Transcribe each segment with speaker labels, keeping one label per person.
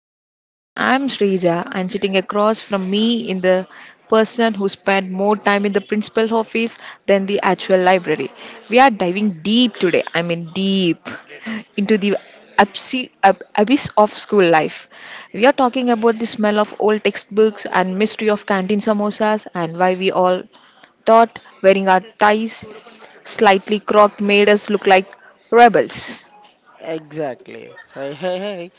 Speaker 1: everyone. I'm Srija, and sitting across from me in the person who spent more time in the principal office than the actual library. We are diving deep today, I mean, deep into the abyss of school life. We are talking about the smell of old textbooks and mystery of canteen samosas and why we all thought wearing our ties slightly crocked made us look like rebels.
Speaker 2: Exactly. Hey, hey, hey.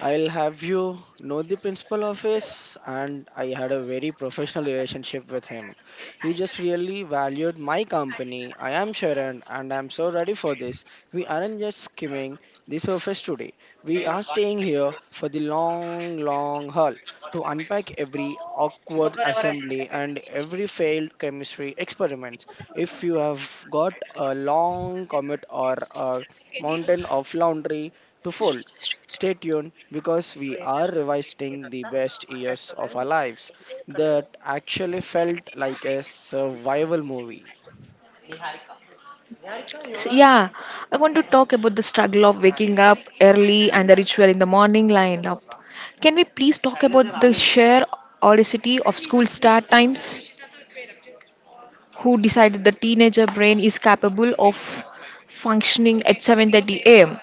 Speaker 2: I'll have you know the principal office, and I had a very professional relationship with him. He just really valued my company. I am Sharan, and I'm so ready for this. We aren't just skimming the surface today. We are staying here for the long, long haul to unpack every awkward assembly and every failed chemistry experiment. If you have got a long commute or a mountain of laundry to fold, stay tuned because we are revisiting the best years of our lives that actually felt like a survival movie.
Speaker 1: So, yeah, I want to talk about the struggle of waking up early and the ritual in the morning lined up. Can we please talk about the sheer audacity of school start times? Who decided the teenager brain is capable of functioning at 7:30 a.m.?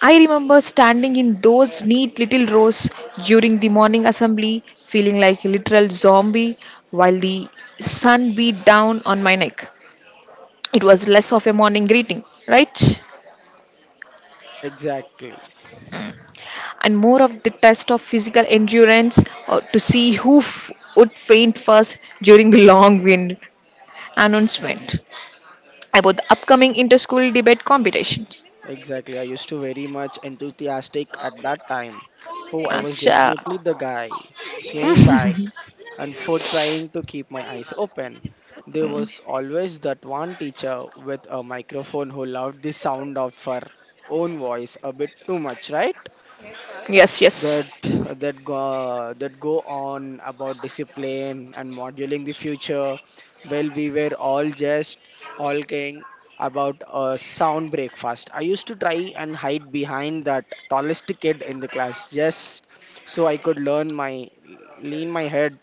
Speaker 1: I remember standing in those neat little rows during the morning assembly, feeling like a literal zombie while the sun beat down on my neck. It was less of a morning greeting, right?
Speaker 2: Exactly,
Speaker 1: And more of the test of physical endurance to see who would faint first during the long wind announcement about the upcoming inter-school debate competition.
Speaker 2: exactly. I used to very much enthusiastic at that time. Oh, I was
Speaker 1: Acha.
Speaker 2: definitely the guy swaying back and forth trying to keep my eyes open. There was always that one teacher with a microphone who loved the sound of her own voice a bit too much, right?
Speaker 1: Yes, yes.
Speaker 2: that that go on about discipline and modeling the future. Well, we were all just hulking about a sound breakfast. I used to try and hide behind that tallest kid in the class just so I could learn my lean my head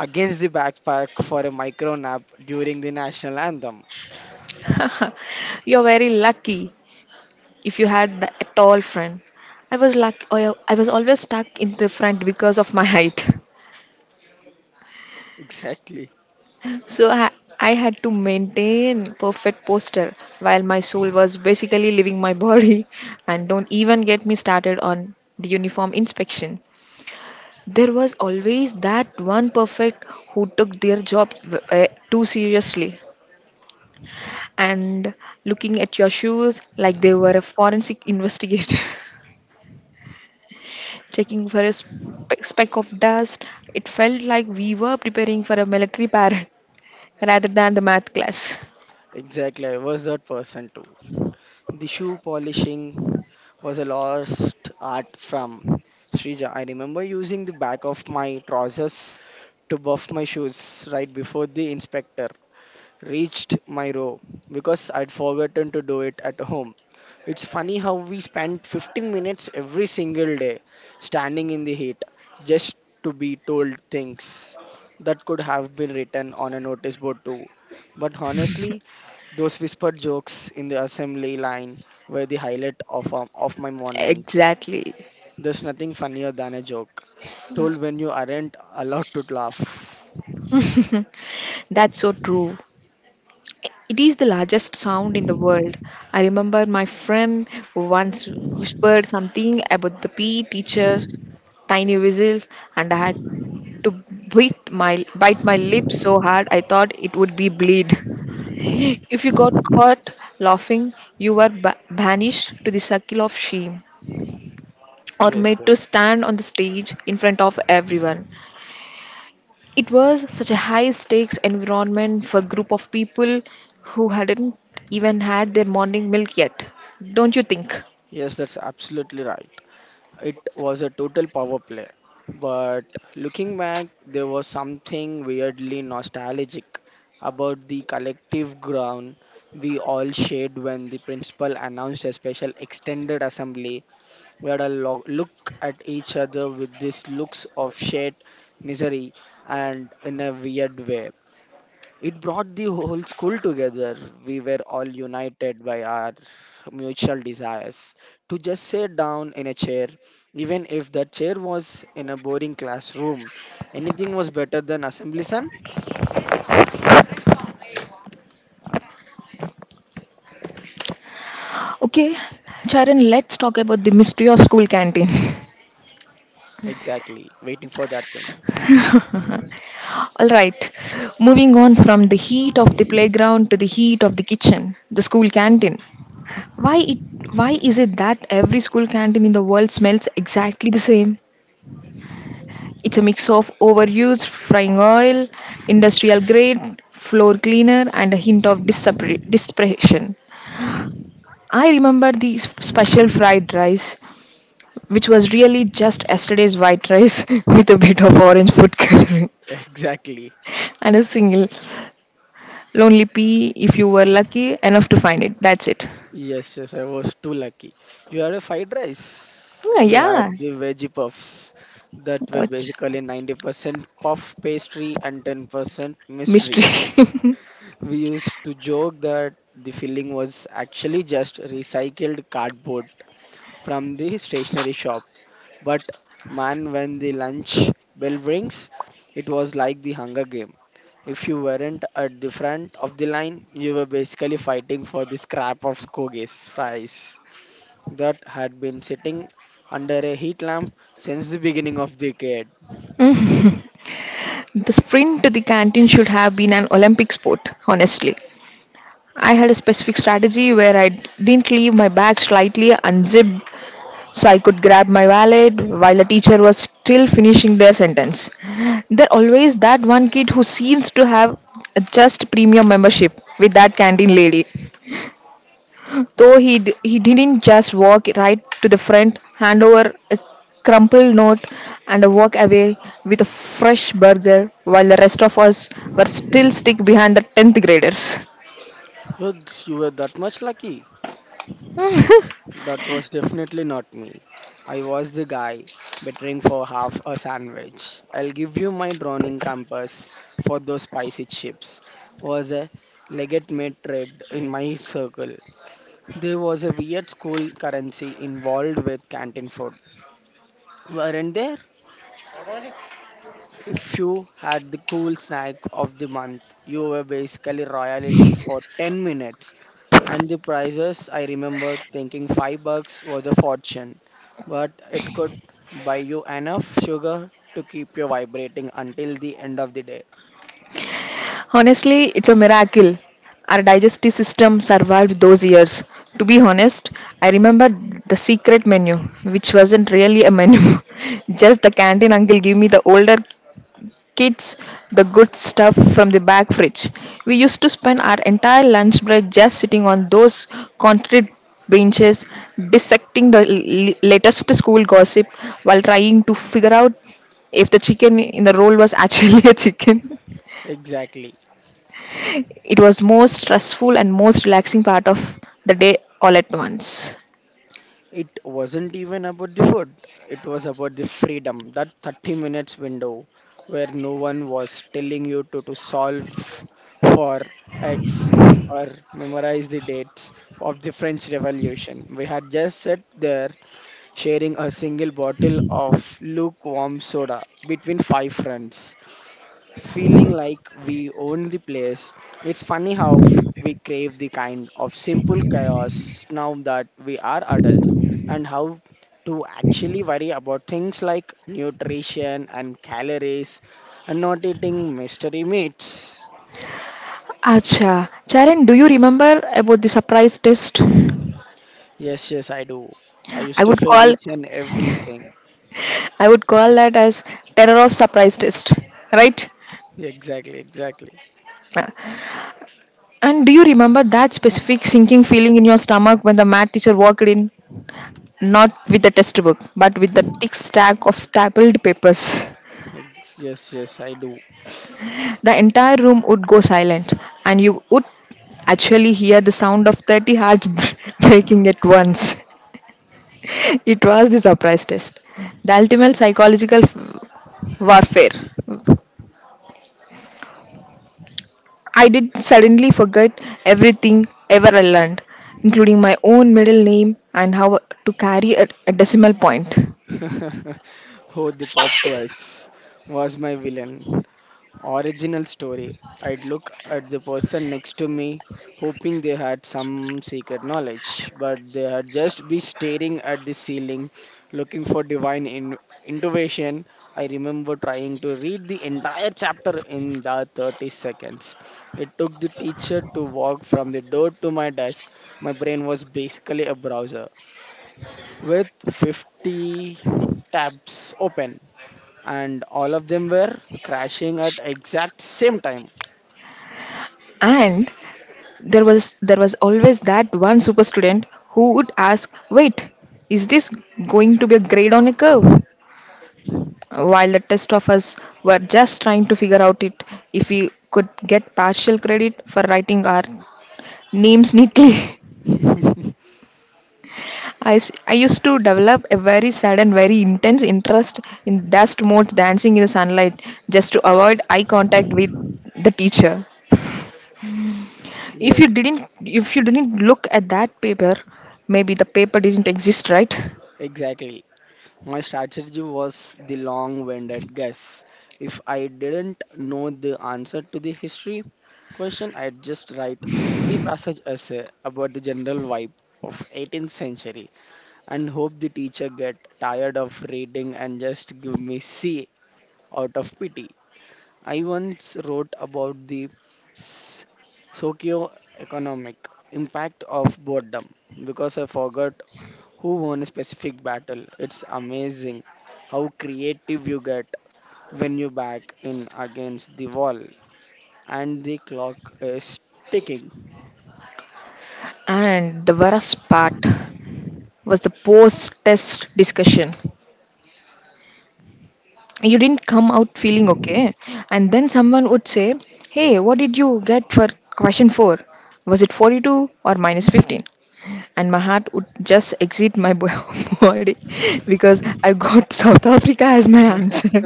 Speaker 2: against the backpack for a micro nap during the national anthem.
Speaker 1: You're very lucky if you had a tall friend. I was luck. I was always stuck in the front because of my height.
Speaker 2: Exactly,
Speaker 1: So I, I had to maintain perfect posture while my soul was basically leaving my body. And don't even get me started on the uniform inspection. There was always that one perfect who took their job too seriously and looking at your shoes like they were a forensic investigator, checking for a speck of dust. It felt like we were preparing for a military parade rather than the math class.
Speaker 2: exactly. I was that person too. The shoe polishing was a lost art from Srija. I remember using the back of my trousers to buff my shoes right before the inspector reached my row because I'd forgotten to do it at home. It's funny how we spend 15 minutes every single day standing in the heat just to be told things that could have been written on a notice board too. But honestly, those whispered jokes in the assembly line were the highlight of my mornings.
Speaker 1: Exactly.
Speaker 2: There's nothing funnier than a joke told when you aren't allowed to laugh.
Speaker 1: That's so true. It is the largest sound in the world. I remember my friend once whispered something about the PE teacher's tiny whistle, and I had to bite my lips so hard I thought it would be bleed. If you got caught laughing, you were banished to the circle of shame or
Speaker 2: Yes,
Speaker 1: made to
Speaker 2: yes.
Speaker 1: stand on the stage in front of everyone. It was such a high stakes environment for a group of people who hadn't even had their morning milk yet. Don't you think?
Speaker 2: Yes, that's absolutely right. It was a total power play. But looking back, there was something weirdly nostalgic about the collective ground we all shared when the principal announced a special extended assembly. We had a look at each other with these looks of shared misery, and in a weird way, it brought the whole school together. We were all united by our mutual desires to just sit down in a chair, even if that chair was in a boring classroom. Anything was better than assembly, son?
Speaker 1: Okay, Charan, let's talk about the mystery of school canteen.
Speaker 2: Exactly. Waiting for that thing.
Speaker 1: All right, moving on from the heat of the playground to the heat of the kitchen, the school canteen. Why it why is it that every school canteen in the world smells exactly the same? It's a mix of overused frying oil, industrial grade floor cleaner, and a hint of desperation. I remember the special fried rice, which was really just yesterday's white rice with a bit of
Speaker 2: Yes.
Speaker 1: orange food coloring
Speaker 2: Exactly.
Speaker 1: and a single lonely pea if you were lucky enough to find it. That's it.
Speaker 2: Yes, yes, I was too lucky. You had a fried rice.
Speaker 1: Yeah,
Speaker 2: We
Speaker 1: yeah.
Speaker 2: had the veggie puffs that were
Speaker 1: What
Speaker 2: basically 90% puff pastry and 10% mystery.
Speaker 1: mystery?
Speaker 2: We used to joke that the filling was actually just recycled cardboard from the stationery shop. But man, when the lunch bell rings, it was like the Hunger Game. If you weren't at the front of the line, you were basically fighting for the scrap of Skoge's fries that had been sitting under a heat lamp since the beginning of the decade.
Speaker 1: The sprint to the canteen should have been an Olympic sport, honestly. I had a specific strategy where I didn't leave my bag slightly unzipped so I could grab my wallet while the teacher was still finishing their sentence. There always that one kid who seems to have just premium membership with that canteen lady. Though he didn't just walk right to the front, hand over a crumpled note and walk away with a fresh burger while the rest of us were still stuck behind the 10th graders.
Speaker 2: You were that much lucky. That was definitely not me. I was the guy bettering for half a sandwich. I'll give you my drowning campus for those spicy chips. Was a legitimate trade in my circle. There was a weird school currency involved with canteen food. Weren't there? If you had the cool snack of the month, you were basically royalty for 10 minutes. And the prices, I remember thinking 5 bucks was a fortune, but it could buy you enough sugar to keep you vibrating until the end of the day.
Speaker 1: Honestly, it's a miracle. Our digestive system survived those years. To be honest, I remember the secret menu, which wasn't really a menu. Just the canteen uncle gave me the older kids the good stuff from the back fridge. We used to spend our entire lunch break just sitting on those concrete benches, dissecting the latest school gossip while trying to figure out if the chicken in the roll was actually a chicken.
Speaker 2: Exactly.
Speaker 1: It was most stressful and most relaxing part of the day all at once.
Speaker 2: It wasn't even about the food, it was about the freedom, that 30 minutes window where no one was telling you to solve for X or memorize the dates of the French Revolution. We had just sat there sharing a single bottle of lukewarm soda between five friends feeling like we own the place. It's funny how we crave the kind of simple chaos now that we are adults and how to actually worry about things like nutrition and calories and not eating mystery meats.
Speaker 1: Acha, Charan, do you remember about the surprise test?
Speaker 2: Yes, yes, I do. I
Speaker 1: I
Speaker 2: used to
Speaker 1: would
Speaker 2: fail
Speaker 1: call
Speaker 2: each and everything.
Speaker 1: I would call that as terror of surprise test, right?
Speaker 2: Exactly, exactly.
Speaker 1: And do you remember that specific sinking feeling in your stomach when the math teacher walked in, not with the test book, but with the thick stack of stapled papers?
Speaker 2: Yes, yes, I do.
Speaker 1: The entire room would go silent, and you would actually hear the sound of 30 hearts breaking at once. It was the surprise test. The ultimate psychological warfare. I did suddenly forget everything ever I learned, including my own middle name and how to carry a decimal point.
Speaker 2: Oh, the pop quiz was my villain. Original story, I'd look at the person next to me, hoping they had some secret knowledge, but they had just be staring at the ceiling, looking for divine intuition. I remember trying to read the entire chapter in the 30 seconds. It took the teacher to walk from the door to my desk. My brain was basically a browser with 50 tabs open and all of them were crashing at exact same time.
Speaker 1: And there was always that one super student who would ask, "Wait, is this going to be a grade on a curve?" While the rest of us were just trying to figure out it if we could get partial credit for writing our names neatly. I used to develop a very sad and very intense interest in dust motes dancing in the sunlight just to avoid eye contact with the teacher.
Speaker 2: Yes,
Speaker 1: If you didn't look at that paper, maybe the paper didn't exist, right?
Speaker 2: exactly. My strategy was the long-winded guess. If I didn't know the answer to the history question, I'd just write three passage essay about the general vibe of 18th century and hope the teacher get tired of reading and just give me C out of pity. I once wrote about the s- socioeconomic impact of boredom because I forgot who won a specific battle. It's amazing how creative you get when you back in against the wall and the clock is ticking.
Speaker 1: And the worst part was the post test discussion. You didn't come out feeling okay and then someone would say, hey, what did you get for question 4? Was it 42 or minus 15? And my heart would just exit my body because I got south africa as my answer.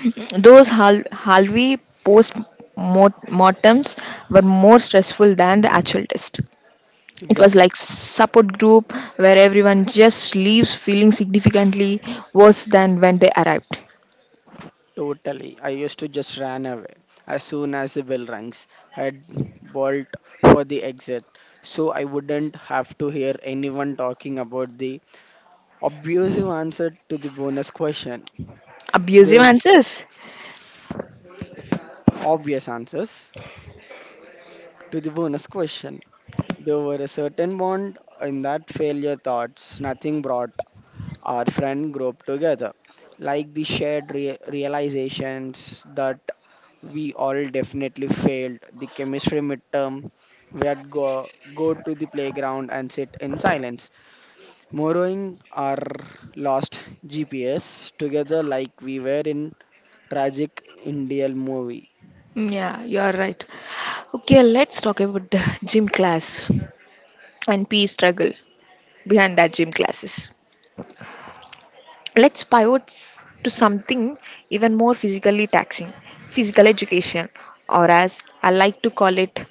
Speaker 1: Those halvi post mortems were more stressful than the actual test. It was
Speaker 2: Exactly.
Speaker 1: like support group where everyone just leaves feeling significantly worse than when they arrived.
Speaker 2: Totally. I used to just run away as soon as the bell rings. I'd bolt for the exit so I wouldn't have to hear anyone talking about the obvious answer to the bonus question.
Speaker 1: Abusive
Speaker 2: The
Speaker 1: answers.
Speaker 2: obvious answers to the bonus question. There were a certain bond in that failure thoughts. Nothing brought our friend group together like the shared realizations that we all definitely failed the chemistry midterm. We had go to the playground and sit in silence, borrowing our lost GPS together like we were in Tragic Indian movie.
Speaker 1: Mm, yeah, you are right. Okay, let's talk about the gym class and peace struggle behind that gym classes. Let's pivot to something even more physically taxing physical education, or as I like to call it,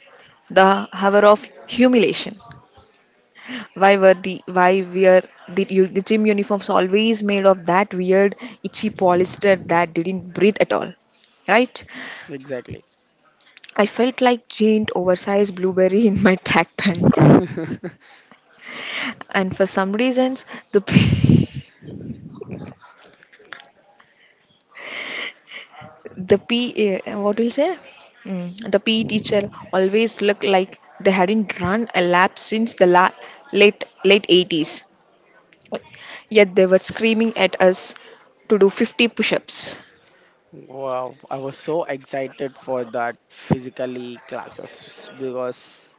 Speaker 1: the hour of humiliation. Why were the gym uniforms always made of that weird itchy polyester that didn't breathe at all? Right?
Speaker 2: Exactly.
Speaker 1: I felt like giant oversized blueberry in my track pant. And for some reasons the P, the P what will say mm, the PE teacher always looked like they hadn't run a lap since the late 80s, yet they were screaming at us to do 50 push-ups
Speaker 2: Wow, I was so excited for that physically classes because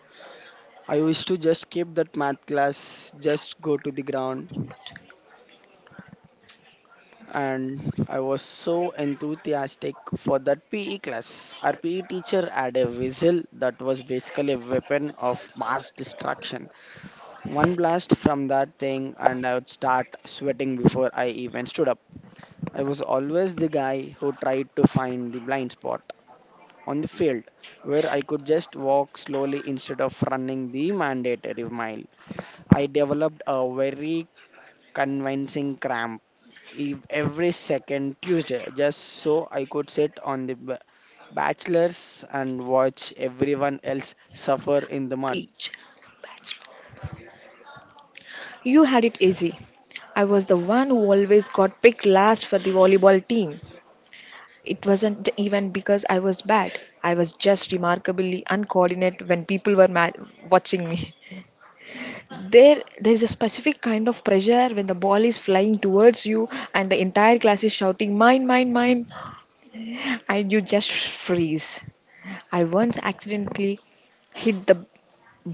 Speaker 2: I used to just skip that math class, just go to the ground, and I was so enthusiastic for that PE class. Our PE teacher had a whistle that was basically a weapon of mass destruction. One blast from that thing, and I would start sweating before I even stood up. I was always the guy who tried to find the blind spot on the field where I could just walk slowly instead of running the mandatory mile. I developed a very convincing cramp every second Tuesday just so I could sit on the bachelors and watch everyone else suffer in the mud.
Speaker 1: each. You had it easy. I was the one who always got picked last for the volleyball team. It wasn't even because I was bad. I was just remarkably uncoordinated when people were watching me. There is a specific kind of pressure when the ball is flying towards you and the entire class is shouting mine mine mine and you just freeze. I once accidentally hit the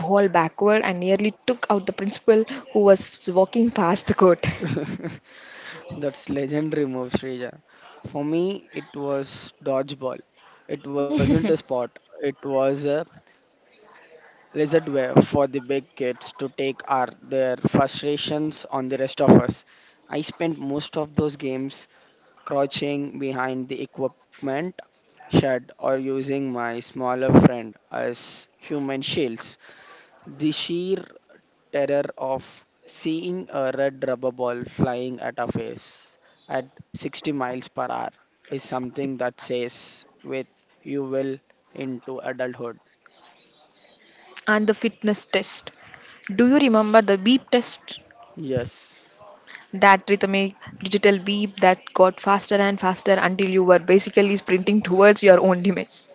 Speaker 1: ball backward and nearly took out the principal who was walking past the court.
Speaker 2: That's legendary move, Srija. For me, it was dodgeball. It wasn't a sport. It was a lizard way for the big kids to take our their frustrations on the rest of us. I spent most of those games crouching behind the equipment shed or using my smaller friend as human shields. The sheer terror of seeing a red rubber ball flying at our face at 60 miles per hour is something that stays with you well into adulthood.
Speaker 1: And the fitness test. Do you remember the beep test?
Speaker 2: Yes.
Speaker 1: That rhythmic digital beep that got faster and faster until you were basically sprinting towards your own demise.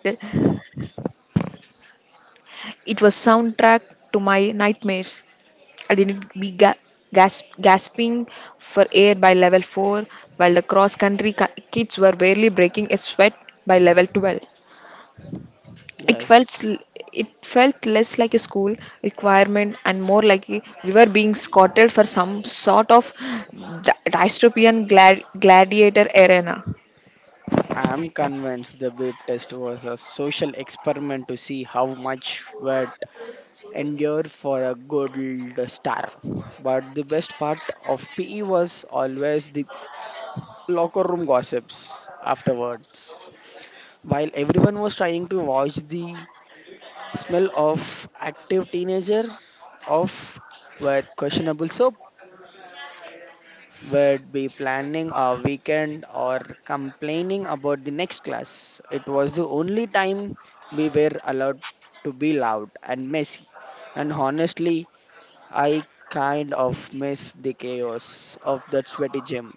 Speaker 1: It was soundtrack to my nightmares. I didn't be gasping for air by level 4, while the cross country kids were barely breaking a sweat by level 12. It felt
Speaker 2: Yes.
Speaker 1: sl- it felt less like a school requirement and more like we were being scouted for some sort of dystopian gladiator arena.
Speaker 2: I'm convinced the babe test was a social experiment to see how much would endure for a gold star. But the best part of PE was always the locker room gossips afterwards. While everyone was trying to watch the smell of active teenager off with questionable soap, would be planning a weekend or complaining about the next class. It was the only time we were allowed to be loud and messy. And honestly, I kind of miss the chaos of that sweaty gym.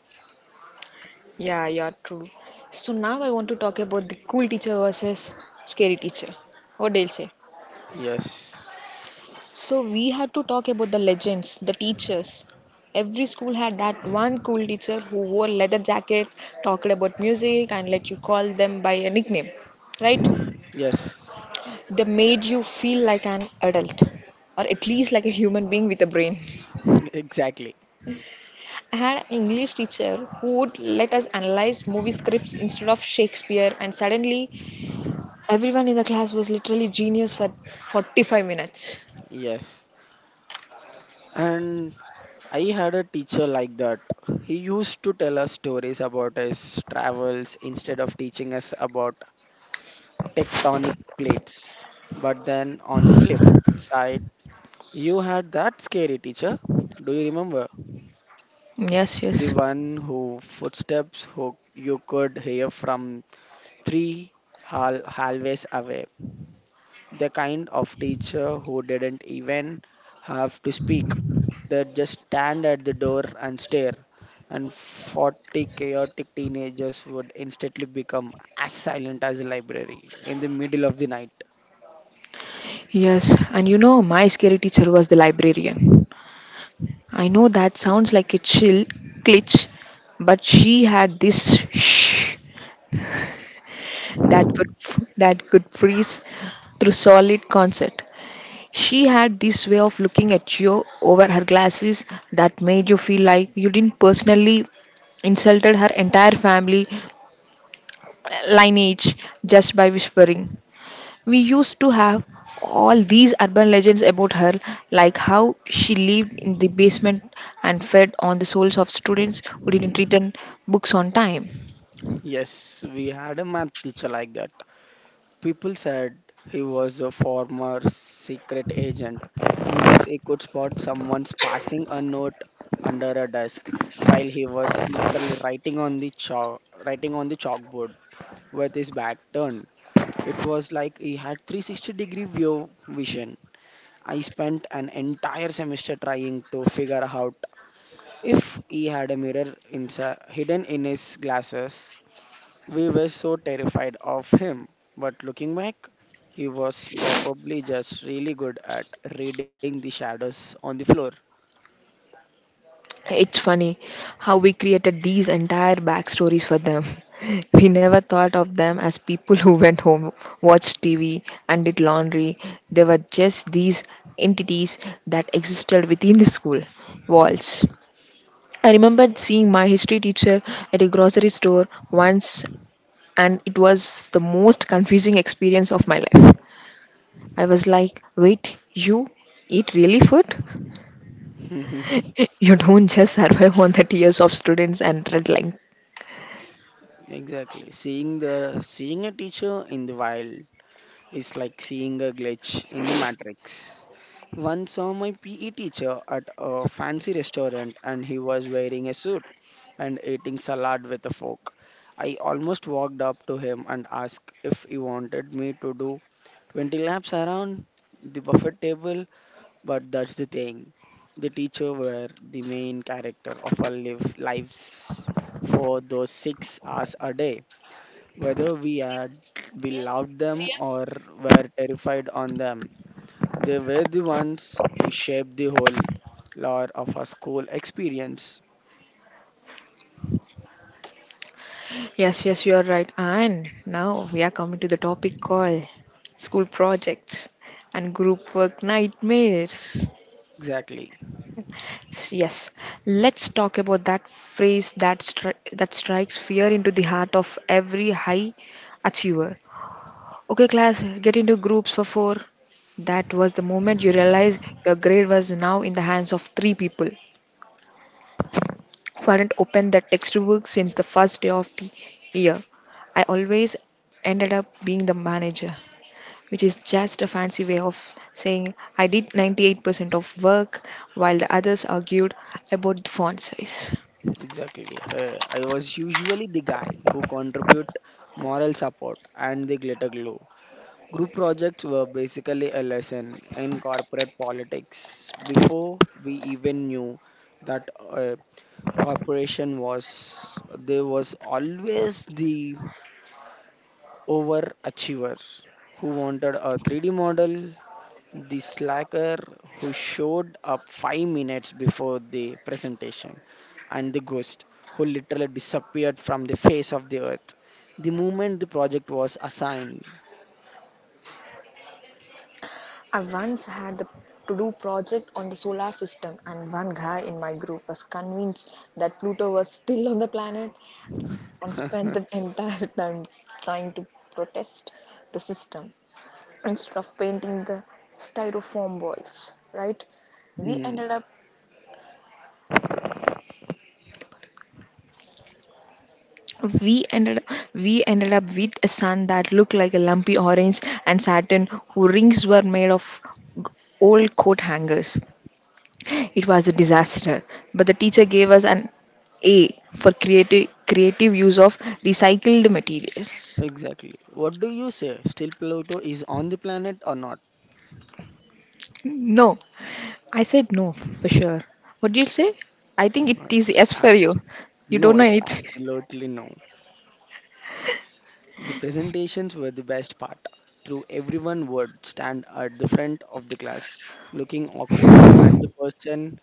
Speaker 1: Yeah, yeah, true. So now I want to talk about the cool teacher versus scary teacher. What do you say?
Speaker 2: Yes.
Speaker 1: So we had to talk about the legends, the teachers. Every school had that one cool teacher who wore leather jackets, talked about music, and let you call them by a nickname. Right?
Speaker 2: Yes.
Speaker 1: They made you feel like an adult, or at least like a human being with a brain.
Speaker 2: Exactly.
Speaker 1: I had an English teacher who would let us analyze movie scripts instead of Shakespeare, and suddenly everyone in the class was literally genius for 45 minutes.
Speaker 2: Yes. And I had a teacher like that. He used to tell us stories about his travels instead of teaching us about tectonic plates. But then on the flip side, you had that scary teacher. Do you remember?
Speaker 1: Yes,
Speaker 2: The
Speaker 1: yes.
Speaker 2: one who footsteps who you could hear from three hallways away. The kind of teacher who didn't even have to speak. They just stand at the door and stare. And 40 chaotic teenagers would instantly become as silent as a library in the middle of the night.
Speaker 1: Yes, and you know, my scary teacher was the librarian. I know that sounds like a chill glitch, but she had this shh that could freeze through solid concert. She had this way of looking at you over her glasses that made you feel like you didn't personally insulted her entire family lineage just by whispering. We used to have all these urban legends about her, like how she lived in the basement and fed on the souls of students who didn't return books on time.
Speaker 2: Yes, we had a math teacher like that. People said he was a former secret agent because he could spot someone's passing a note under a desk while he was literally writing on the chalkboard with his back turned. It was like he had 360-degree view vision. I spent an entire semester trying to figure out if he had a mirror inside hidden in his glasses. We were so terrified of him, but looking back, he was probably just really good at reading the shadows on the floor.
Speaker 1: It's funny how we created these entire backstories for them. We never thought of them as people who went home, watched TV, and did laundry. They were just these entities that existed within the school walls. I remember seeing my history teacher at a grocery store once and it was the most confusing experience of my life. I was like, wait, you eat really food? You don't just survive on 30 years of students and red line.
Speaker 2: Exactly. Seeing a teacher in the wild, it's like seeing a glitch in the matrix. Once saw my PE teacher at a fancy restaurant and he was wearing a suit and eating salad with a fork. I almost walked up to him and asked if he wanted me to do 20 laps around the buffet table, but that's the thing. The teacher were the main character of our lives for those 6 hours a day. Whether we loved them or were terrified on them, they were the ones who shaped the whole lore of our school experience.
Speaker 1: Yes, yes, you are right. And now we are coming to the topic called school projects and group work nightmares.
Speaker 2: Exactly,
Speaker 1: Yes, let's talk about that phrase that strikes fear into the heart of every high achiever. Okay, class, get into groups for four. That was the moment you realized your grade was now in the hands of three people who hadn't opened their textbook since the first day of the year. I always ended up being the manager, which is just a fancy way of saying I did 98% of work while the others argued about the font size.
Speaker 2: exactly. I was usually the guy who contribute moral support and the glitter glue. Group projects were basically a lesson in corporate politics before we even knew that corporation was there was always the overachiever who wanted a 3D model, the slacker who showed up 5 minutes before the presentation, and the ghost who literally disappeared from the face of the earth the moment the project was assigned.
Speaker 1: I once had the to do project on the solar system, and one guy in my group was convinced that Pluto was still on the planet and spend the entire time trying to protest the system instead of painting the styrofoam walls, right? we
Speaker 2: Hmm,
Speaker 1: ended up we ended we ended up with a sun that looked like a lumpy orange and Saturn, whose rings were made of g- old coat hangers. It was a disaster, but the teacher gave us an a for creative use of recycled materials.
Speaker 2: exactly. What do you say? Still, Pluto is on the planet or not?
Speaker 1: No, I said no for sure. What did you say? I think it
Speaker 2: Uh,
Speaker 1: is
Speaker 2: It's
Speaker 1: yes
Speaker 2: ab-
Speaker 1: for you. You
Speaker 2: no,
Speaker 1: don't know
Speaker 2: it's
Speaker 1: anything.
Speaker 2: absolutely no. The presentations were the best part. Through everyone would stand at the front of the class, looking awkward, and the person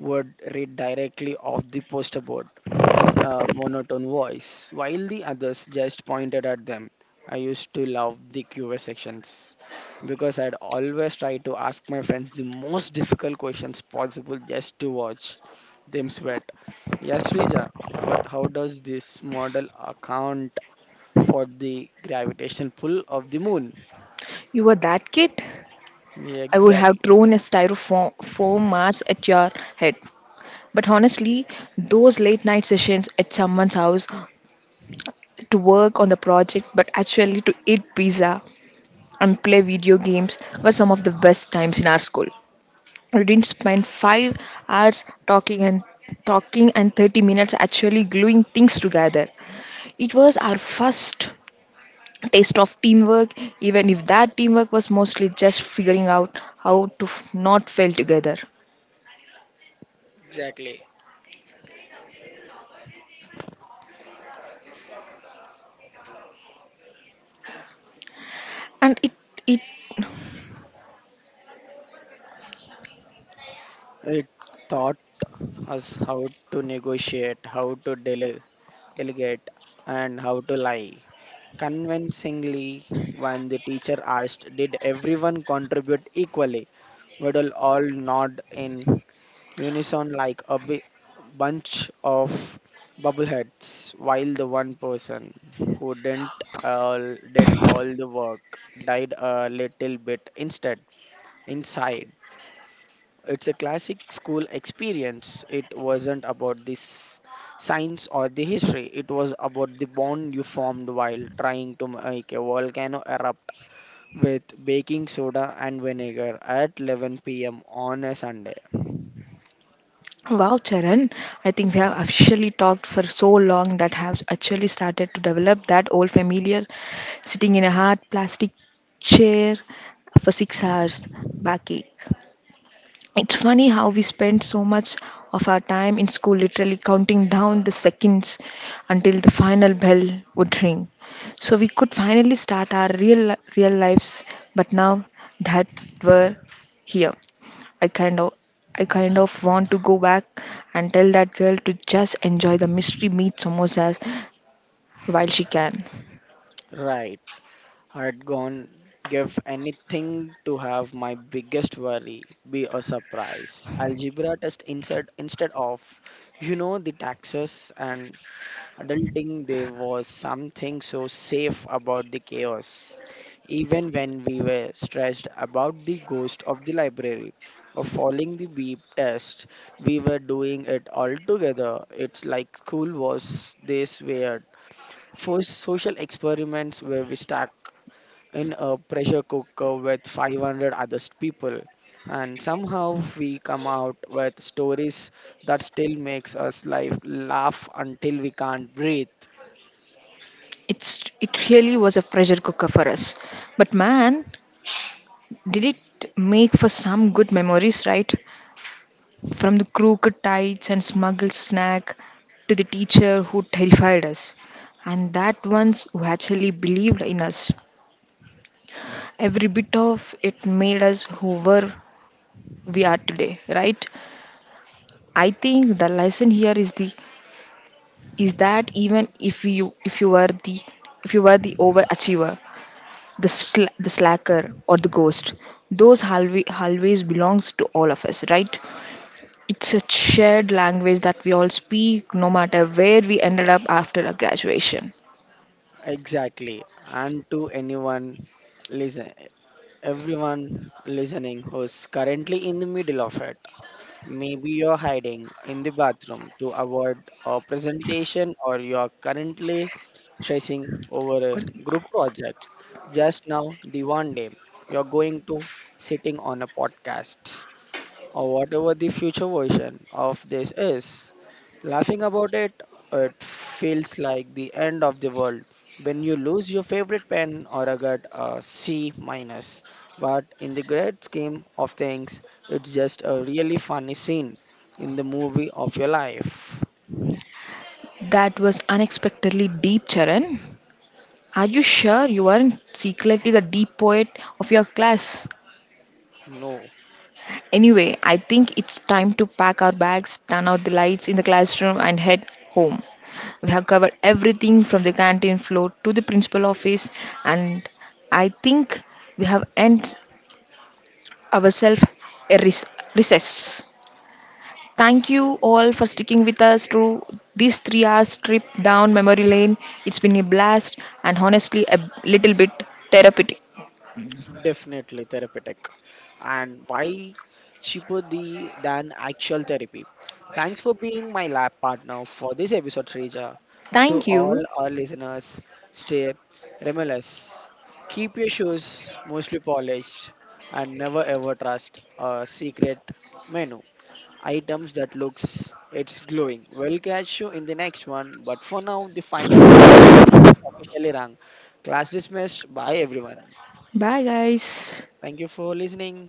Speaker 2: would read directly off the poster board in a monotone voice, while the others just pointed at them. I used to love the QA sections because I'd always try to ask my friends the most difficult questions possible just to watch them sweat. Yes, Rija, but how does this model account for the gravitational pull of the moon?
Speaker 1: You were that kid.
Speaker 2: Yeah,
Speaker 1: I would have
Speaker 2: exactly,
Speaker 1: thrown a styrofoam foam mass at your head. But honestly, those late night sessions at someone's house to work on the project, but actually to eat pizza and play video games were some of the best times in our school. We didn't spend 5 hours talking and talking and 30 minutes actually gluing things together. It was our first taste of teamwork, even if that teamwork was mostly just figuring out how to not fail together.
Speaker 2: exactly.
Speaker 1: And it, it,
Speaker 2: It taught us how to negotiate, how to delegate, and how to lie. Convincingly, when the teacher asked, did everyone contribute equally? We will all nod in unison like a bunch of bubbleheads, while the one person who didn't all did all the work died a little bit instead inside. It's a classic school experience. It wasn't about the science or the history. It was about the bond you formed while trying to make a volcano erupt with baking soda and vinegar at 11 p.m. on a Sunday.
Speaker 1: wow, Charan, I think we have officially talked for so long that have actually started to develop that old familiar sitting in a hard plastic chair for 6 hours backache. It's funny how we spend so much of our time in school literally counting down the seconds until the final bell would ring. So we could finally start our real lives, but now that we're here, I kind of I kind of want to go back and tell that girl to just enjoy the mystery meat samosas while she can.
Speaker 2: Right. I'd gone give anything to have my biggest worry be a surprise. Algebra test instead of the taxes and adulting, there was something so safe about the chaos. Even when we were stressed about the ghost of the library or following the beep test, we were doing it all together. It's like school was this weird first social experiments where we stuck in a pressure cooker with 500 other people and somehow we come out with stories that still makes us life laugh until we can't breathe.
Speaker 1: It really was a pressure cooker for us. But man, did it make for some good memories, right? From the crooked tights and smuggled snack to the teacher who terrified us, and that ones who actually believed in us. Every bit of it made us who were we are today, right? I think the lesson here is the is that even if you were the if you were the overachiever, the slacker or the ghost, those always belongs to all of us, right? It's a shared language that we all speak, no matter where we ended up after our graduation.
Speaker 2: Exactly. And to anyone listen, everyone listening who's currently in the middle of it, maybe you're hiding in the bathroom to avoid a presentation, or you're currently stressing over a group project. Just now, the one day you're going to sitting on a podcast or whatever the future version of this is. Laughing about it, it feels like the end of the world when you lose your favorite pen or a get a C minus. But in the great scheme of things, it's just a really funny scene in the movie of your life.
Speaker 1: That was unexpectedly deep, Charan. Are you sure you were not secretly the deep poet of your class?
Speaker 2: No.
Speaker 1: Anyway, I think it's time to pack our bags, turn out the lights in the classroom, and head home. We have covered everything from the canteen floor to the principal office, and I think we have earned ourselves a recess. Thank you all for sticking with us through this 3 hours trip down memory lane. It's been a blast and honestly a little bit therapeutic.
Speaker 2: Definitely therapeutic and why cheaper the than actual therapy. Thanks for being my lab partner for this episode, Reja. To
Speaker 1: Thank
Speaker 2: all
Speaker 1: you.
Speaker 2: our listeners, stay remorseless. Keep your shoes mostly polished and never ever trust a secret menu. Items that looks it's glowing. We'll catch you in the next one, but for now the final bell has officially rung. Class dismissed. Bye everyone.
Speaker 1: Bye, guys.
Speaker 2: Thank you for listening.